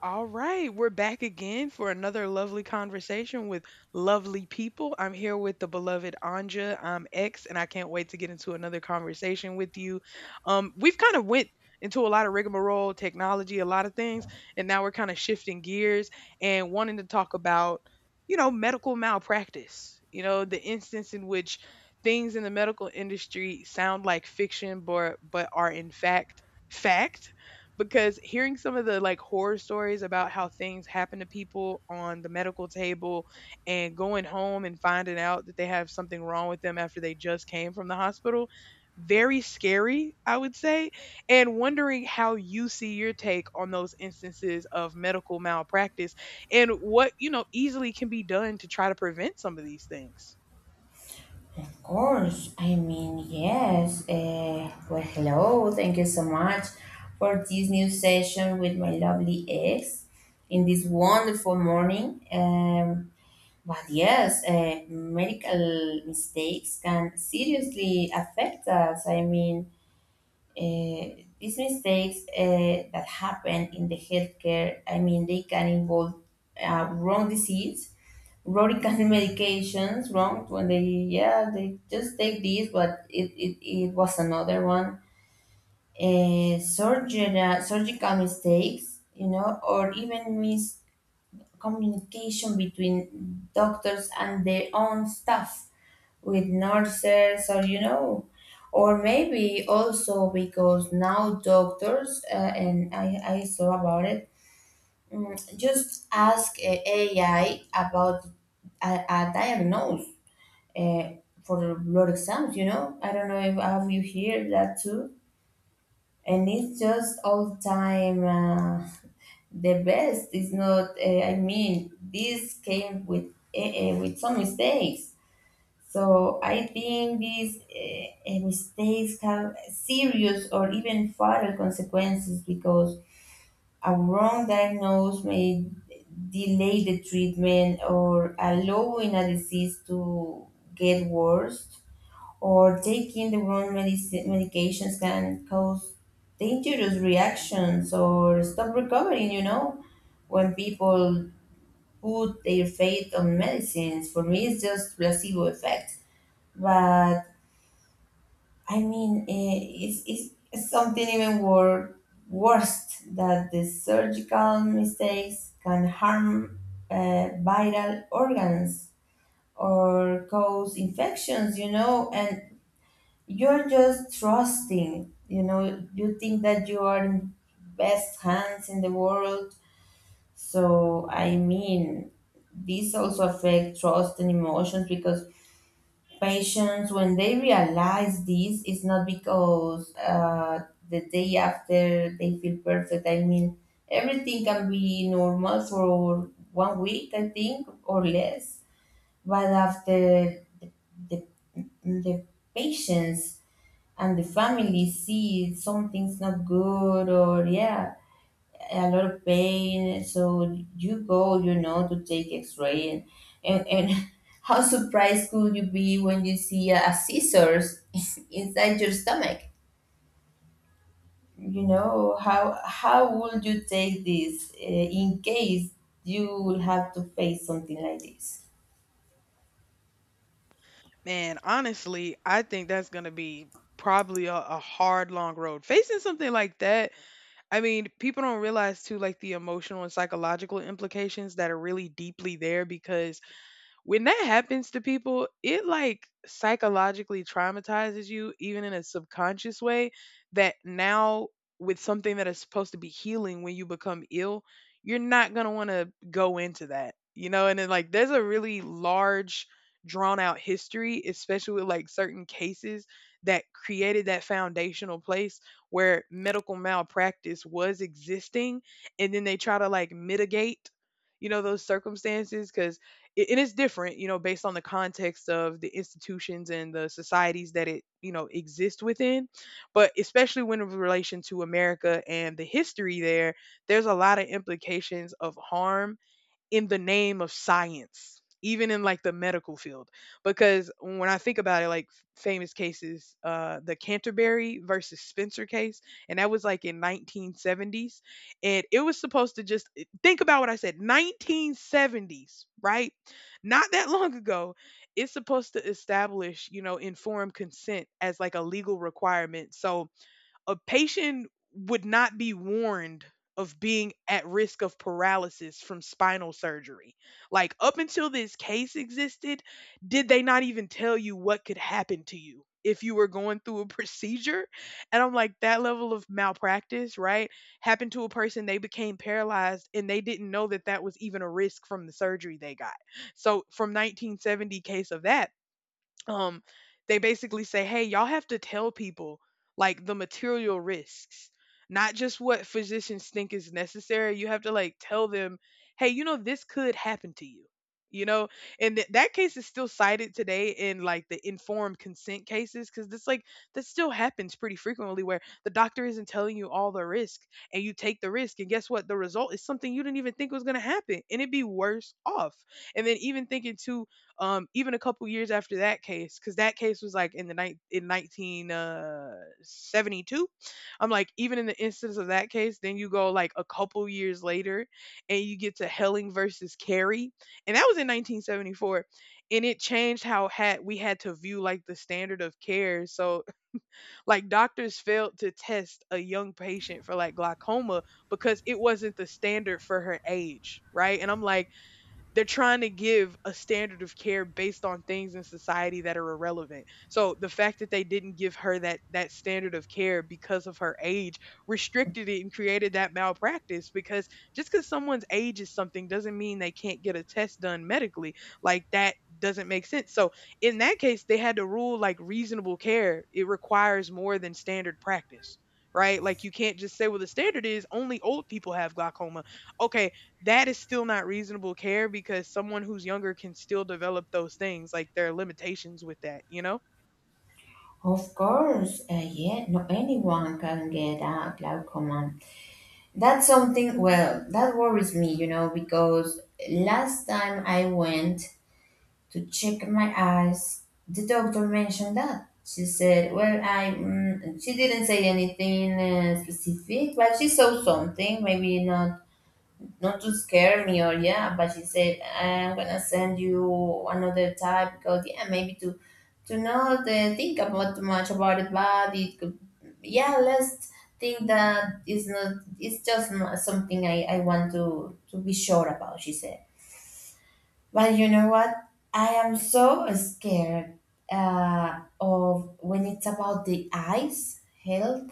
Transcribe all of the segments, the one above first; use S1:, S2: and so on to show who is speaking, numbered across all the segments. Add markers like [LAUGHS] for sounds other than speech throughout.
S1: All right, we're back again for another lovely conversation with lovely people. I'm here with the beloved Anja. I'm X, and I can't wait to get into another conversation with you. We've kind of went into a lot of rigmarole, technology, a lot of things, and now we're kind of shifting gears and wanting to talk about, medical malpractice. The instance in which things in the medical industry sound like fiction, but are in fact, because hearing some of the like horror stories about how things happen to people on the medical table and going home and finding out that they have something wrong with them after they just came from the hospital, very scary I would say, and wondering how you see your take on those instances of medical malpractice and what easily can be done to try to prevent some of these things.
S2: Of course. I mean, yes. Hello. Thank you so much for this new session with my lovely ex in this wonderful morning. But yes, medical mistakes can seriously affect us. I mean, these mistakes that happen in the healthcare, I mean, they can involve wrong disease, rodenticine, medications wrong when they, yeah, they just take these, but it was another one. Surgical mistakes, you know, or even miscommunication between doctors and their own staff, with nurses, or you know, or maybe also because now doctors, and I saw about it. Just ask AI about a diagnosis uh, for the blood exams, you know? I don't know if have you hear that too. And it's just all time the best. It's not, I mean, this came with some mistakes. So I think these mistakes have serious or even fatal consequences, because a wrong diagnosis may delay the treatment or allowing a disease to get worse, or taking the medications can cause dangerous reactions or stop recovering, you know, when people put their faith on medicines. For me, it's just placebo effect. But I mean, it's something even worse, that the surgical mistakes can harm vital organs or cause infections, you know, and you're just trusting, you know. You think that you are in best hands in the world. So I mean, this also affect trust and emotions, because patients, when they realize this, it's not because the day after they feel perfect. I mean, everything can be normal for 1 week, I think, or less, but after the, the patients and the family see something's not good, or yeah, a lot of pain, so you go, you know, to take x-ray, and and, [LAUGHS] how surprised could you be when you see a scissors [LAUGHS] inside your stomach? You know, how would you take this, in case you will have to face something like this?
S1: Man, honestly, I think that's going to be probably a hard, long road facing something like that. I mean, people don't realize too, like the emotional and psychological implications that are really deeply there, because when that happens to people, it like psychologically traumatizes you, even in a subconscious way, that now with something that is supposed to be healing when you become ill, you're not going to want to go into that, you know? And then, like, there's a really large, drawn out history, especially with like certain cases that created that foundational place where medical malpractice was existing. And then they try to like mitigate, those circumstances, because it is different, you know, based on the context of the institutions and the societies that it, exists within. But especially when in relation to America and the history there, there's a lot of implications of harm in the name of science, even in like the medical field. Because when I think about it, like famous cases, the Canterbury versus Spencer case, and that was like in 1970s, and it was supposed to just think about what I said, 1970s, right? Not that long ago. It's supposed to establish, you know, informed consent as like a legal requirement. So a patient would not be warned of being at risk of paralysis from spinal surgery. Like, up until this case existed, did they not even tell you what could happen to you if you were going through a [LAUGHS] procedure? And I'm like, that level of malpractice, right? Happened to a person, they became paralyzed and they didn't know that that was even a risk from the surgery they got. So, from 1970 case of that, um they basically say, hey, y'all have to tell people like the material risks, not just what physicians think is necessary. You have to like tell them, hey, you know, this could happen to you, you know and that case is still cited today in like the informed consent cases, because this like, that still happens pretty frequently where the doctor isn't telling you all the risk, and you take the risk and guess what, the result is something you didn't even think was going to happen, and it'd be worse off. And then, even thinking too, even a couple years after that case, because that case was like in the night in 1972. I'm like, even in the instance of that case, then you go like a couple years later, and you get to Helling versus Carey, and that was in 1974, and it changed how had we had to view like the standard of care. So [LAUGHS] like, doctors failed to test a young patient for like glaucoma because it wasn't the standard for her age, right? And I'm like, they're trying to give a standard of care based on things in society that are irrelevant. So the fact that they didn't give her that standard of care because of her age restricted it and created that malpractice, because just because someone's age is something doesn't mean they can't get a test done medically. Like, that doesn't make sense. So in that case, they had to rule like reasonable care. It requires more than standard practice. Right? Like, you can't just say, well, the standard is only old people have glaucoma. Okay, that is still not reasonable care because someone who's younger can still develop those things. Like, there are limitations with that, you know?
S2: Of course. Yeah, no, anyone can get a glaucoma. That's something, well, that worries me, you know, because last time I went to check my eyes, the doctor mentioned that. She said, well, I, she didn't say anything specific, but she saw something, maybe not, not to scare me, or yeah, but she said, I'm gonna send you another type, because yeah, maybe to not think about too much about it, but it could, yeah, let's think that it's not, it's just not something I want to be sure about, she said. But you know what, I am so scared of when it's about the eyes health.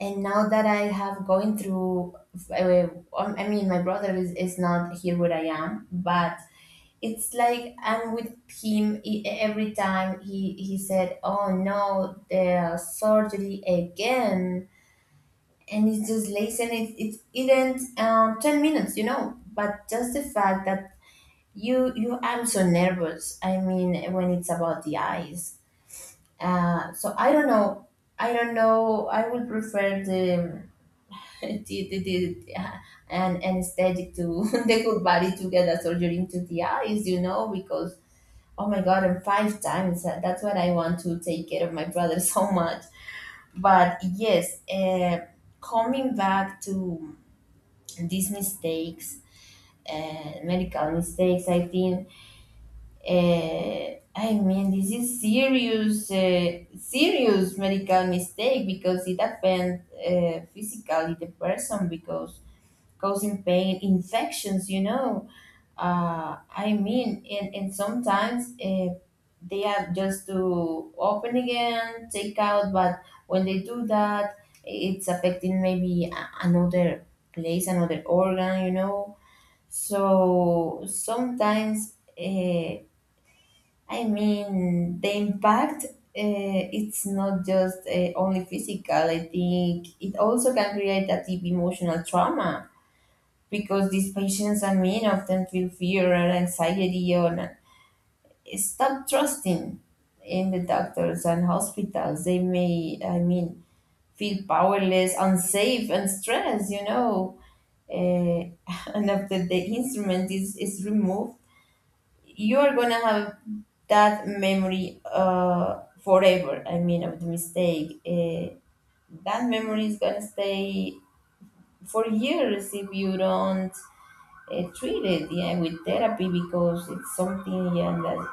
S2: And now that I have going through uh, I mean, my brother is not here where I am, but it's like I'm with him, every time he said, oh no, the surgery again. And it's just lazy, and it ends 10 minutes, you know, but just the fact that you, I'm so nervous, I mean, when it's about the eyes. So I don't know, I don't know, I would prefer the did, did an anesthetic to [LAUGHS] the whole body to get a surgery into the eyes, you know, because oh my God, I'm five times. That's what I want to take care of my brother [LAUGHS] so much. But yes, coming back to these mistakes, medical mistakes, I think. I mean, this is serious, serious medical mistake, because it affects physically the person, because causing pain, infections, you know. I mean, and sometimes they have just to open again, take out, but when they do that, it's affecting maybe another place, another organ, you know. So sometimes, I mean, the impact. It's not just only physical. I think it also can create that deep emotional trauma, because these patients, I mean, often feel fear or anxiety, or stop trusting in the doctors and hospitals. They may, I mean, feel powerless, unsafe, and stressed, you know. Uh, [LAUGHS] and after the instrument is removed, you are going to have that memory, forever, I mean, of the mistake. That memory is going to stay for years if you don't treated, yeah, with therapy, because it's something, yeah, that's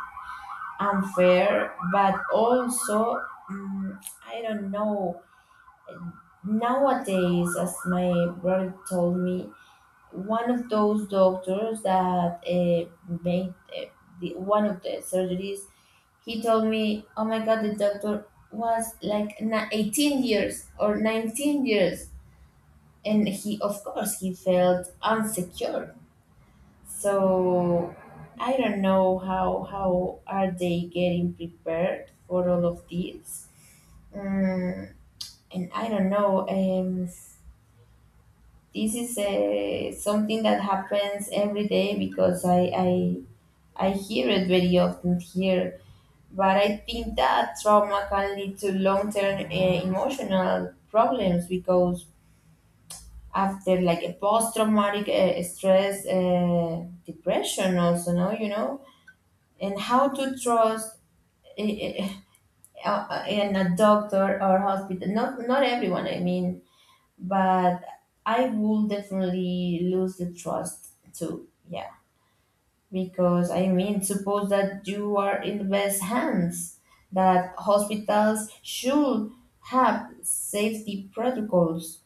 S2: unfair. But also, mm I don't know, nowadays, as my brother told me, one of those doctors that made the, one of the surgeries, he told me, oh my God, the doctor was like 18 years or 19 years. And he, of course, he felt insecure. So I don't know how are they getting prepared for all of this. Mm, and I don't know. This is something that happens every day because I hear it very often here. But I think that trauma can lead to long term emotional problems, because after like a post traumatic stress, depression also, no, you know, and how to trust eh, eh, in a doctor or hospital. Not everyone, I mean, but I will definitely lose the trust too. Yeah, because I mean, suppose that you are in the best hands, that hospitals should have safety protocols,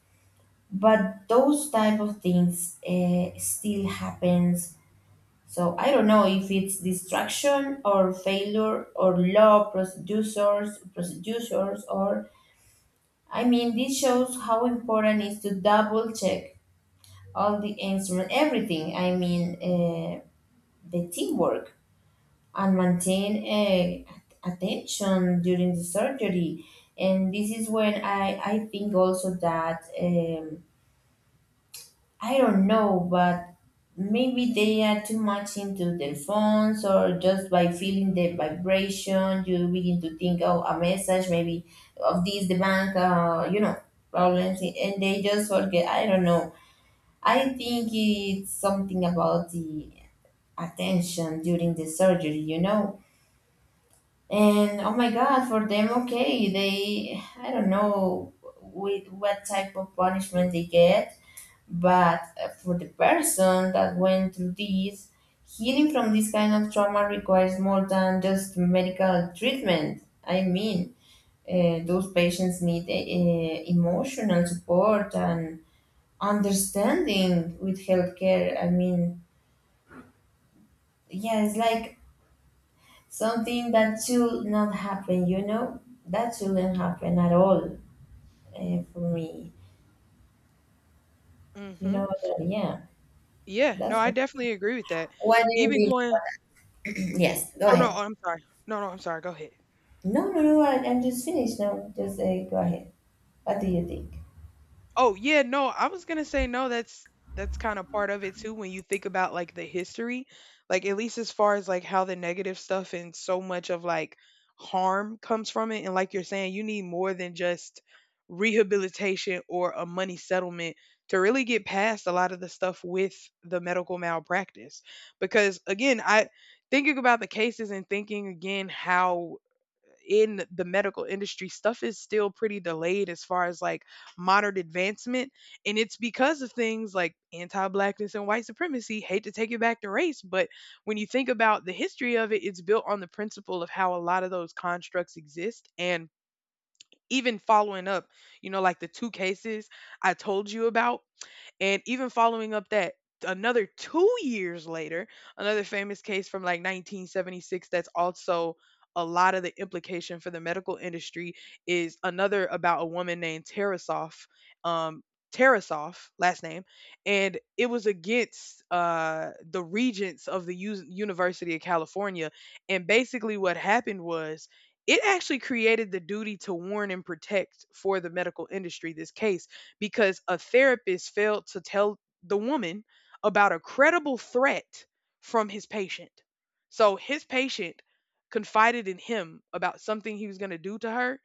S2: but those type of things still happens. So I don't know if it's distraction or failure or law procedures, or I mean, this shows how important it is to double check all the instrument, everything. I mean, the teamwork and maintain attention during the surgery. And this is when I think also that, I don't know, but maybe they are too much into their phones, or just by feeling the vibration, you begin to think, oh, a message maybe of this, the bank, you know, problems, and they just forget. I don't know. I think it's something about the attention during the surgery, you know. And oh my God, for them, okay, they, I don't know with what type of punishment they get. But for the person that went through this, healing from this kind of trauma requires more than just medical treatment. I mean, those patients need emotional support and understanding with healthcare. I mean, yeah, it's like something that should not happen, you know? That shouldn't happen at all, for me. You
S1: Hmm.
S2: know, that, yeah,
S1: Yeah, no,
S2: that's,
S1: I definitely agree with that.
S2: what do you
S1: Even
S2: think?
S1: going,
S2: [CLEARS THROAT] Yes, go
S1: oh no,
S2: ahead.
S1: I'm sorry. No, no, I'm sorry. Go ahead.
S2: No, no, no. I'm just finished now. Just go ahead. What do you think?
S1: Oh, yeah, no, I was gonna say, no, that's kind of part of it too when you think about like the history, like, at least as far as like how the negative stuff and so much of like harm comes from it. And like you're saying, you need more than just rehabilitation or a money settlement to really get past a lot of the stuff with the medical malpractice. Because, again, I thinking about the cases, and thinking again how in the medical industry stuff is still pretty delayed as far as like modern advancement. And it's because of things like anti blackness and white supremacy. Hate to take it back to race, but when you think about the history of it, it's built on the principle of how a lot of those constructs exist. And even following up, you know, like the two cases I told you about, and even following up that, another 2 years later, another famous case from like 1976, that's also a lot of the implication for the medical industry, is another about a woman named Tarasoff, um, Tarasoff, last name, and it was against the regents of the University of California. And basically, what happened was it actually created the duty to warn and protect for the medical industry this case, because a therapist failed to tell the woman about a credible threat from his patient. So his patient confided in him about something he was going to do to her,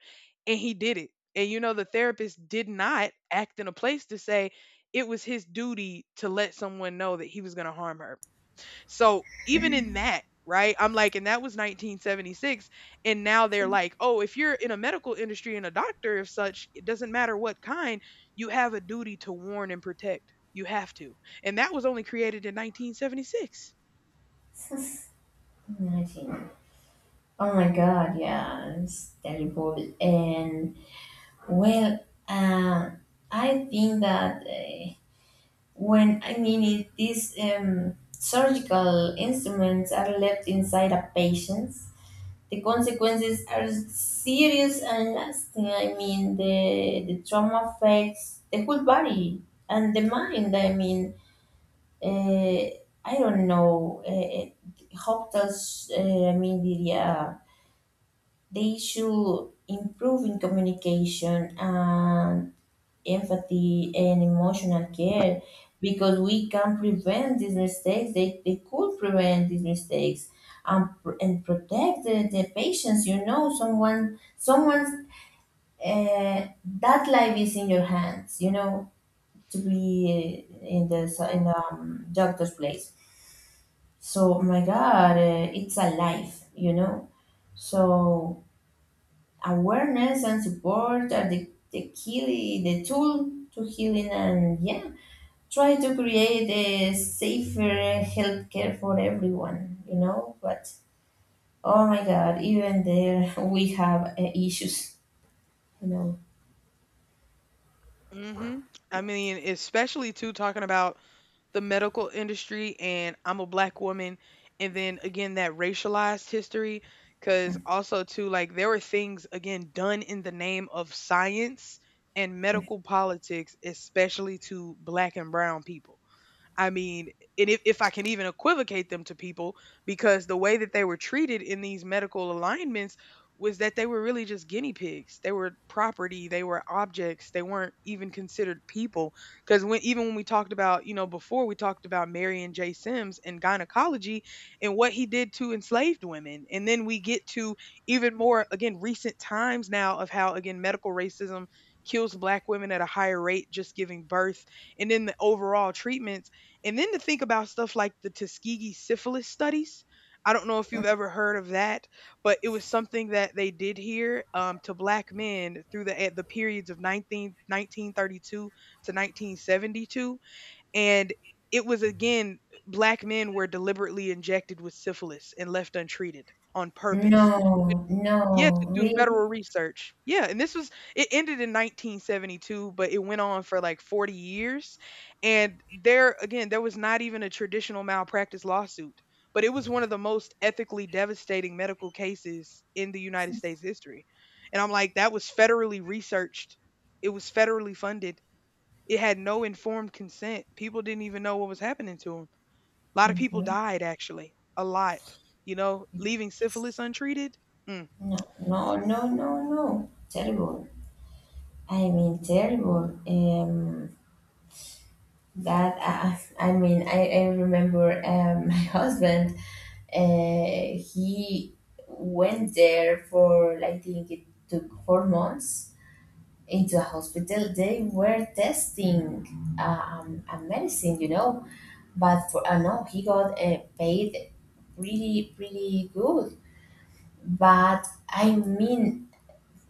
S1: and he did it. And, you know, the therapist did not act in a place to say it was his duty to let someone know that he was going to harm her. So even in that, right? I'm like, and that was 1976. And now they're like, oh, if you're in a medical industry and a doctor of such, it doesn't matter what kind, you have a duty to warn and protect. You have to. And that was only created in 1976.
S2: Imagine. Oh my God. Yeah, it's terrible. And well, uh, I think that when I mean it, these surgical instruments are left inside a patient. The consequences are serious and lasting. I mean, the trauma affects the whole body and the mind. I mean, uh, I don't know, hopeless media. They should improve in communication and empathy and emotional care, because we can prevent these mistakes. They could prevent these mistakes and, and protect the patients. You know, someone's that life is in your hands. You know, to be
S1: Mm.
S2: in the doctor's place. So, oh my God, it's a life, you know. So, awareness and support are the key, the tool to healing, and yeah, try to create a safer healthcare for everyone, you know. But oh my God, even there [LAUGHS] we have issues, you know.
S1: Hmm. I mean, especially too talking about the medical industry, and I'm a black woman, and then again that racialized history, cuz
S2: Mm.
S1: also too like there were things again done in the name of science and
S2: Mm.
S1: medical politics, especially to black and brown people. I mean, and if I can even equivocate them to people, because the way that they were treated in these medical alignments was that they were really just guinea pigs. They were property, they were objects, they weren't even considered people. Because when even when we talked about, you know, before we talked about Marion J. Sims and gynecology and what he did to enslaved women. And then we get to even more, again, recent times now of how, again, medical racism kills black women at a higher rate just giving birth, and then the overall treatments, and then to think about stuff like the Tuskegee syphilis studies. I don't know if you've ever heard of that, but it was something that they did here to black men through the at the periods of nineteen thirty two to 1972. And it was, again, black men were deliberately injected with syphilis and left untreated on purpose,
S2: No,
S1: yeah,
S2: no,
S1: to do
S2: really.
S1: federal research. Yeah, and this was, it ended in 1972, but it went on for like 40 years. And there, again, there was not even a traditional malpractice lawsuit, but it was one of the most ethically devastating medical cases in the United States history. And I'm like, that was federally researched. It was federally funded. It had no informed consent. People didn't even know what was happening to them. A lot of people
S2: Mhm.
S1: died actually. A lot, you know, leaving syphilis untreated. Mm.
S2: No, no, no, no, no. Terrible. I mean, terrible. That I mean, I remember [LAUGHS] my husband. He went there for, I think it took 4 months into a hospital. They were testing a medicine, you know, but for no, he got paid really really good. But I mean,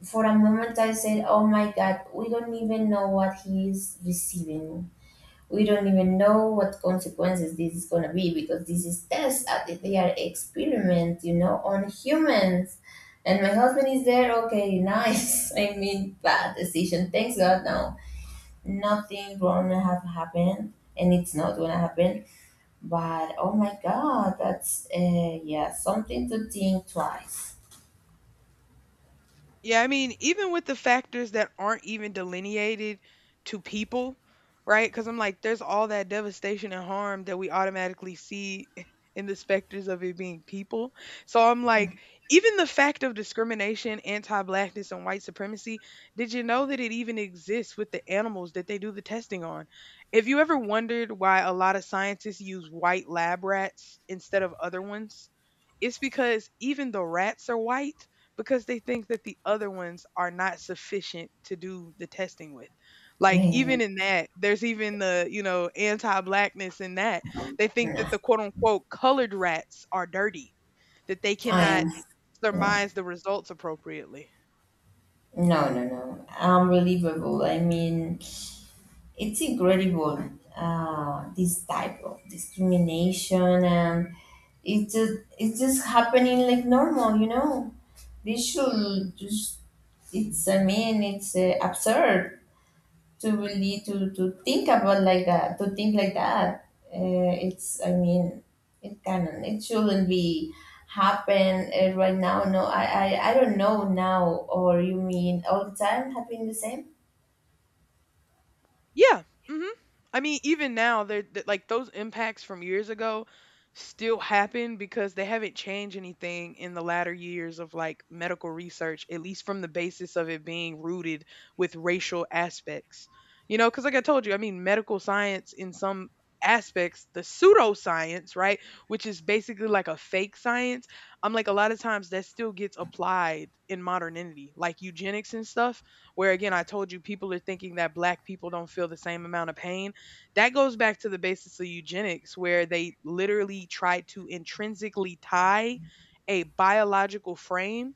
S2: for a moment, I said, "Oh my God, we don't even know what he is receiving. We don't even know what consequences this is going to be, because this is tests that they are experiments, you know, on humans, and my husband is there, okay, nice. [LAUGHS] I mean, bad decision, thanks God, no, nothing wrong have happened, and it's not gonna happen. But oh my God, that's yeah, something to think twice.
S1: Yeah, I mean, even with the factors that aren't even delineated to people, right? Because I'm like, there's all that devastation and harm that we automatically see [LAUGHS] in the specters of it being people. So I'm like, even the fact of discrimination, anti blackness, and white supremacy, did you know that it even exists with the animals that they do the testing on? If you ever wondered why a lot of scientists use white lab rats instead of other ones, it's because even the rats are white because they think that the other ones are not sufficient to do the testing with.
S2: I
S1: Like even
S2: mean,
S1: in that, there's even anti-blackness in that. They think
S2: no,
S1: that the quote unquote colored rats are dirty, that they
S2: I am
S1: cannot
S2: no,
S1: surmise the results appropriately.
S2: no, no, no. Unbelievable. I mean, it's incredible, this type of discrimination, and it's just, it's just happening like normal, you know. This should just, it's, I mean, it's absurd to really, to think about like that, to think like that. It's, I mean, it can, it shouldn't be happen right now. No, I don't know now, or you mean all the time happening the same?
S1: Yeah. Hmm. I mean, even now, like those impacts from years ago still happen because they haven't changed anything in the latter years of like medical research, at least from the basis of it being rooted with racial aspects. You know, because like I told you, I mean, medical science in some aspects, the pseudoscience, right, which is basically like a fake science, I'm like, a lot of times that still gets applied in modernity, like eugenics and stuff where again, I told you people are thinking that black people don't feel the same amount of pain. That goes back to the basis of eugenics, where they literally tried to intrinsically tie a biological frame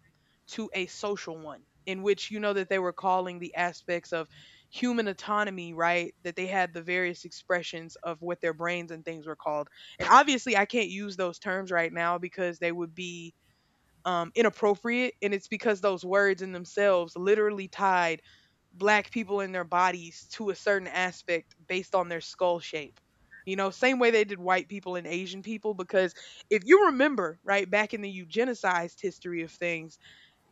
S1: to a social one, in which you know that they were calling the aspects of human autonomy, right? That they had the various expressions of what their brains and things were called. And obviously, I can't use those terms right now because they would be inappropriate, and it's because those words in themselves literally tied black people and their bodies to a certain aspect based on their skull shape. You know, same way they did white people and Asian people, because if you remember, right, back in the eugenicized history of things,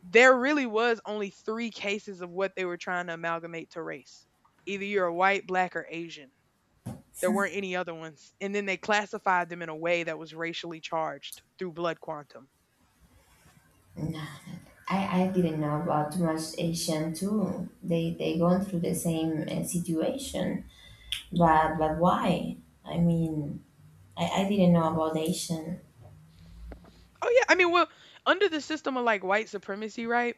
S1: there really was only three cases of what they were trying to amalgamate to race. Either you're a white, black, or Asian. There weren't
S2: [LAUGHS]
S1: any other ones. And then they classified them in a way that was racially charged through blood quantum.
S2: I, I didn't know about too much Asian too. They going through the same situation, but why? I mean, I didn't know about Asian.
S1: Oh yeah, I mean, well, under the system of like white supremacy, right?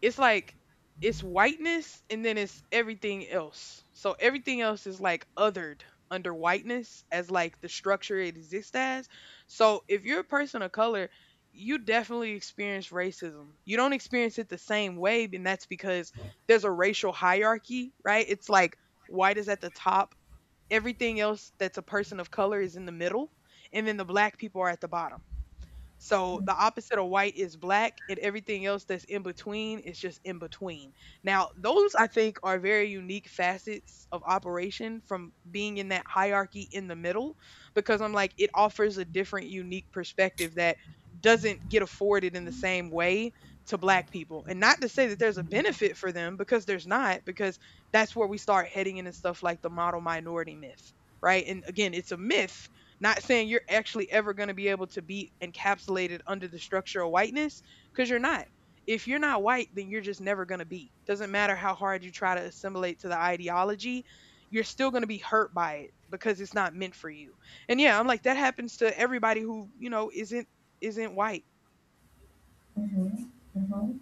S1: It's like it's whiteness and then it's everything else. So everything else is like othered under whiteness as like the structure it exists as. So if you're a person of color, you definitely experience racism. You don't experience it the same way, and that's because there's a racial hierarchy, right? It's like white is at the top, everything else that's a person of color is in the middle, and then the black people are at the bottom. So the opposite of white is black, and everything else that's in between is just in between. Now, those I think are very unique facets of operation from being in that hierarchy in the middle, because I'm like, it offers a different, unique perspective that doesn't get afforded in the same way to black people. And not to say that there's a benefit for them, because there's not, because that's where we start heading into stuff like the model minority myth, right? And again, it's a myth, not saying you're actually ever going to be able to be encapsulated under the structure of whiteness because you're not. If you're not white, then you're just never going to be. Doesn't matter how hard you try to assimilate to the ideology, you're still going to be hurt by it because it's not meant for you. And yeah, I'm like that happens to everybody who, you know, isn't white.
S2: Hmm. Hmm.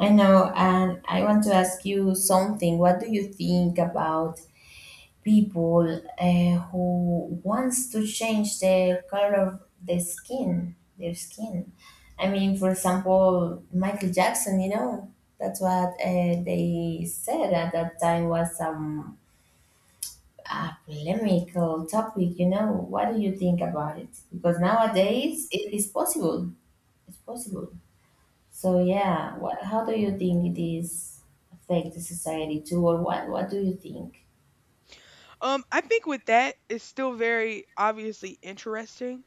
S2: I know, and I want to ask you something. What do you think about people who wants to change the color of the skin, their skin. I mean, for example, Michael Jackson. You know, that's what they said at that time was some a polemical topic. You know, what do you think about it? Because
S1: Mhm.
S2: nowadays it is possible. It's possible. So
S1: Mm.
S2: yeah, what? How do you think it is affect the society too, or what? What do you think?
S1: I think with that, it's still very obviously interesting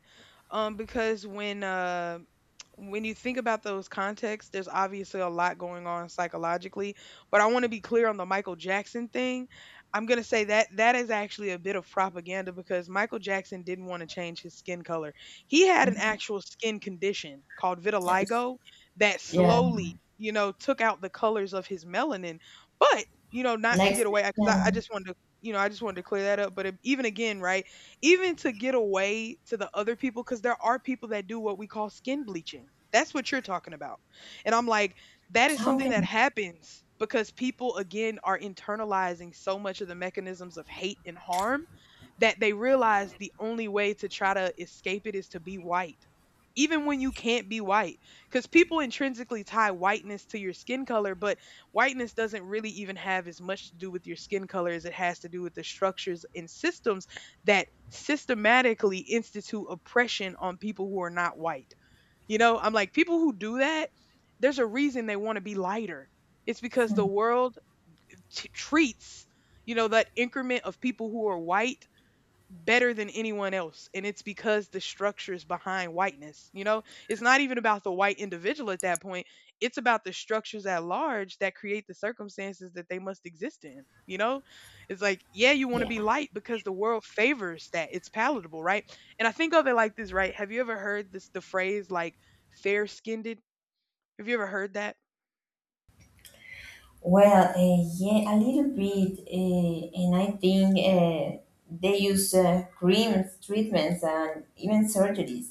S1: because when you think about those contexts, there's obviously a lot going on psychologically. But I want to be clear on the Michael Jackson thing. I'm gonna say that that is actually a bit of propaganda because Michael Jackson didn't want to change his skin color. He had an
S2: Mhm.
S1: actual skin condition called
S2: Yes.
S1: vitiligo that
S2: Yeah.
S1: slowly, you know, took out the colors of his melanin. But you know, not to
S2: Next,
S1: get away because I
S2: yeah.
S1: just wanted to, you know, I just wanted to clear that up. But it, even again, right, even to get away to the other people, because there are people that do what we call skin bleaching. That's what you're talking about, and I'm like that is something
S2: Okay.
S1: that happens because people again are internalizing so much of the mechanisms of hate and harm that they realize the only way to try to escape it is to be white, even when you can't be white, because people intrinsically tie whiteness to your skin color. But whiteness doesn't really even have as much to do with your skin color as it has to do with the structures and systems that systematically institute oppression on people who are not white. You know, I'm like, people who do that, there's a reason they want to be lighter. It's because the
S2: Hmm.
S1: world treats, you know, that increment of people who are white better than anyone else. And it's because the structures behind whiteness, you know, it's not even about the white individual at that point. It's about the structures at large that create the circumstances that they must exist in, you know. It's like yeah, you want to be
S2: Yeah.
S1: light because the world favors that. It's palatable, right? And I think of it like this, right? Have you ever heard this, the phrase like fair skinned? Have you ever heard that?
S2: Well, yeah, a little bit, and I think they use creams, treatments, and even surgeries.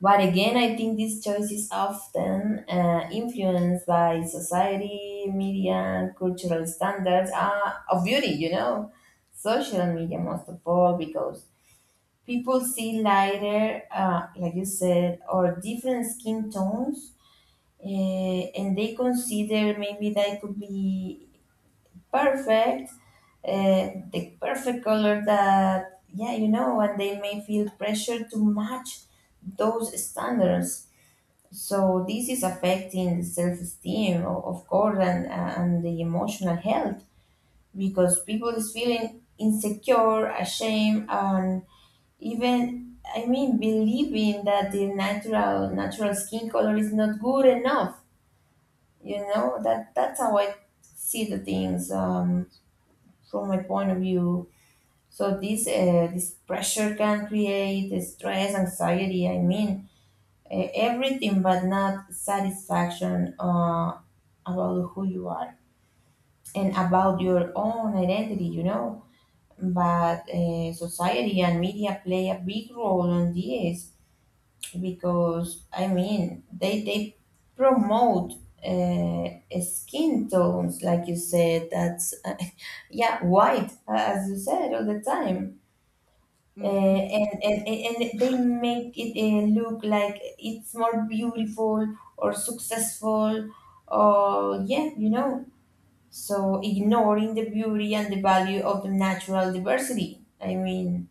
S2: But again, I think this choice is often influenced by society, media, and cultural standards of beauty, you know, social media most of all, because people see lighter, like you said, or different skin tones uh, and they consider maybe that could be perfect, the perfect color that, yeah, you know, and they may feel pressure to match those standards. So this is affecting the self-esteem, of course, and the emotional health because people is feeling insecure, ashamed, and even I mean believing that the natural skin color is not good enough. You know, that's how I see the things. From my point of view, so this this pressure can create stress anxiety. I mean, everything but not satisfaction, about who you are and about your own identity, you know. But society and media play a big role on this because I mean they promote uh, skin tones, like you said, that's [LAUGHS] yeah, white, as you said, all the time,
S1: Mm-hmm.
S2: and, and they make it look like it's more beautiful or successful or yeah, you know. So ignoring the beauty and the value of the natural diversity, I mean,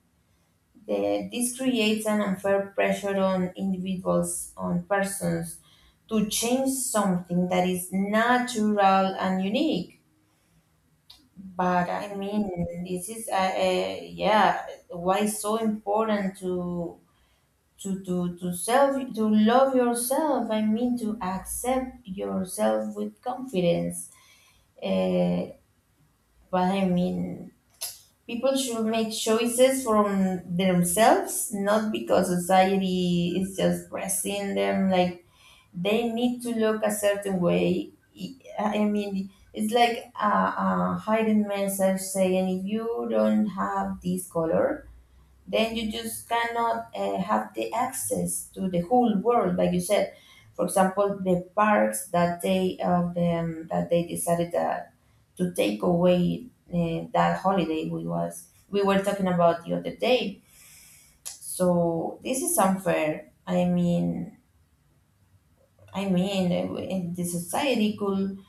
S2: the this creates an unfair pressure on individuals, on persons, to change something that is natural and unique. But I
S1: Mm-hmm.
S2: mean, this is yeah, why it's so important to to self to love yourself. I mean, to accept yourself with confidence. Uh, but I mean, people should make choices from themselves, not because society is just pressing them. Like they need to look a certain way. I mean, it's like a hidden message saying if you don't have this color, then you just cannot have the access to the whole world, like you said. For example, the parks that they that they decided that to take away that holiday we were talking about the other day. So this is unfair. I mean, in the society could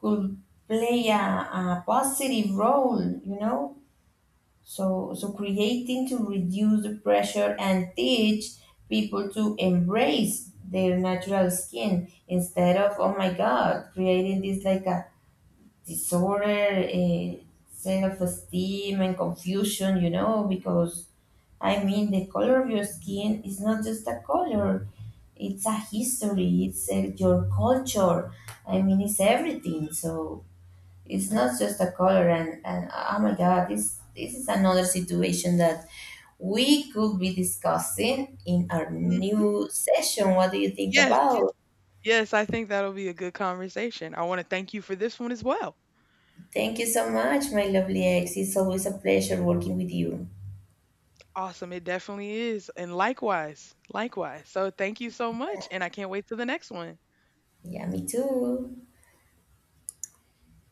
S2: could play a positive role, you know. So creating to reduce the pressure and teach people to embrace their natural skin instead of oh my god creating this like a disorder, self-esteem, and confusion. You know, because I mean, the color of your skin is not just a color; it's a history. It's your culture. I mean, it's everything. So it's not just a color. And oh my God, this is another situation that we could be discussing in our
S1: Mm-hmm.
S2: new session. What do you think
S1: Yes.
S2: about?
S1: Yes, I think that'll be a good conversation. I want to thank you for this one as well.
S2: Thank you so much, my lovely ex. It's always a pleasure working with you.
S1: Awesome. It definitely is. And likewise, likewise. So thank you so much. And I can't wait to the next one.
S2: Yeah, me too.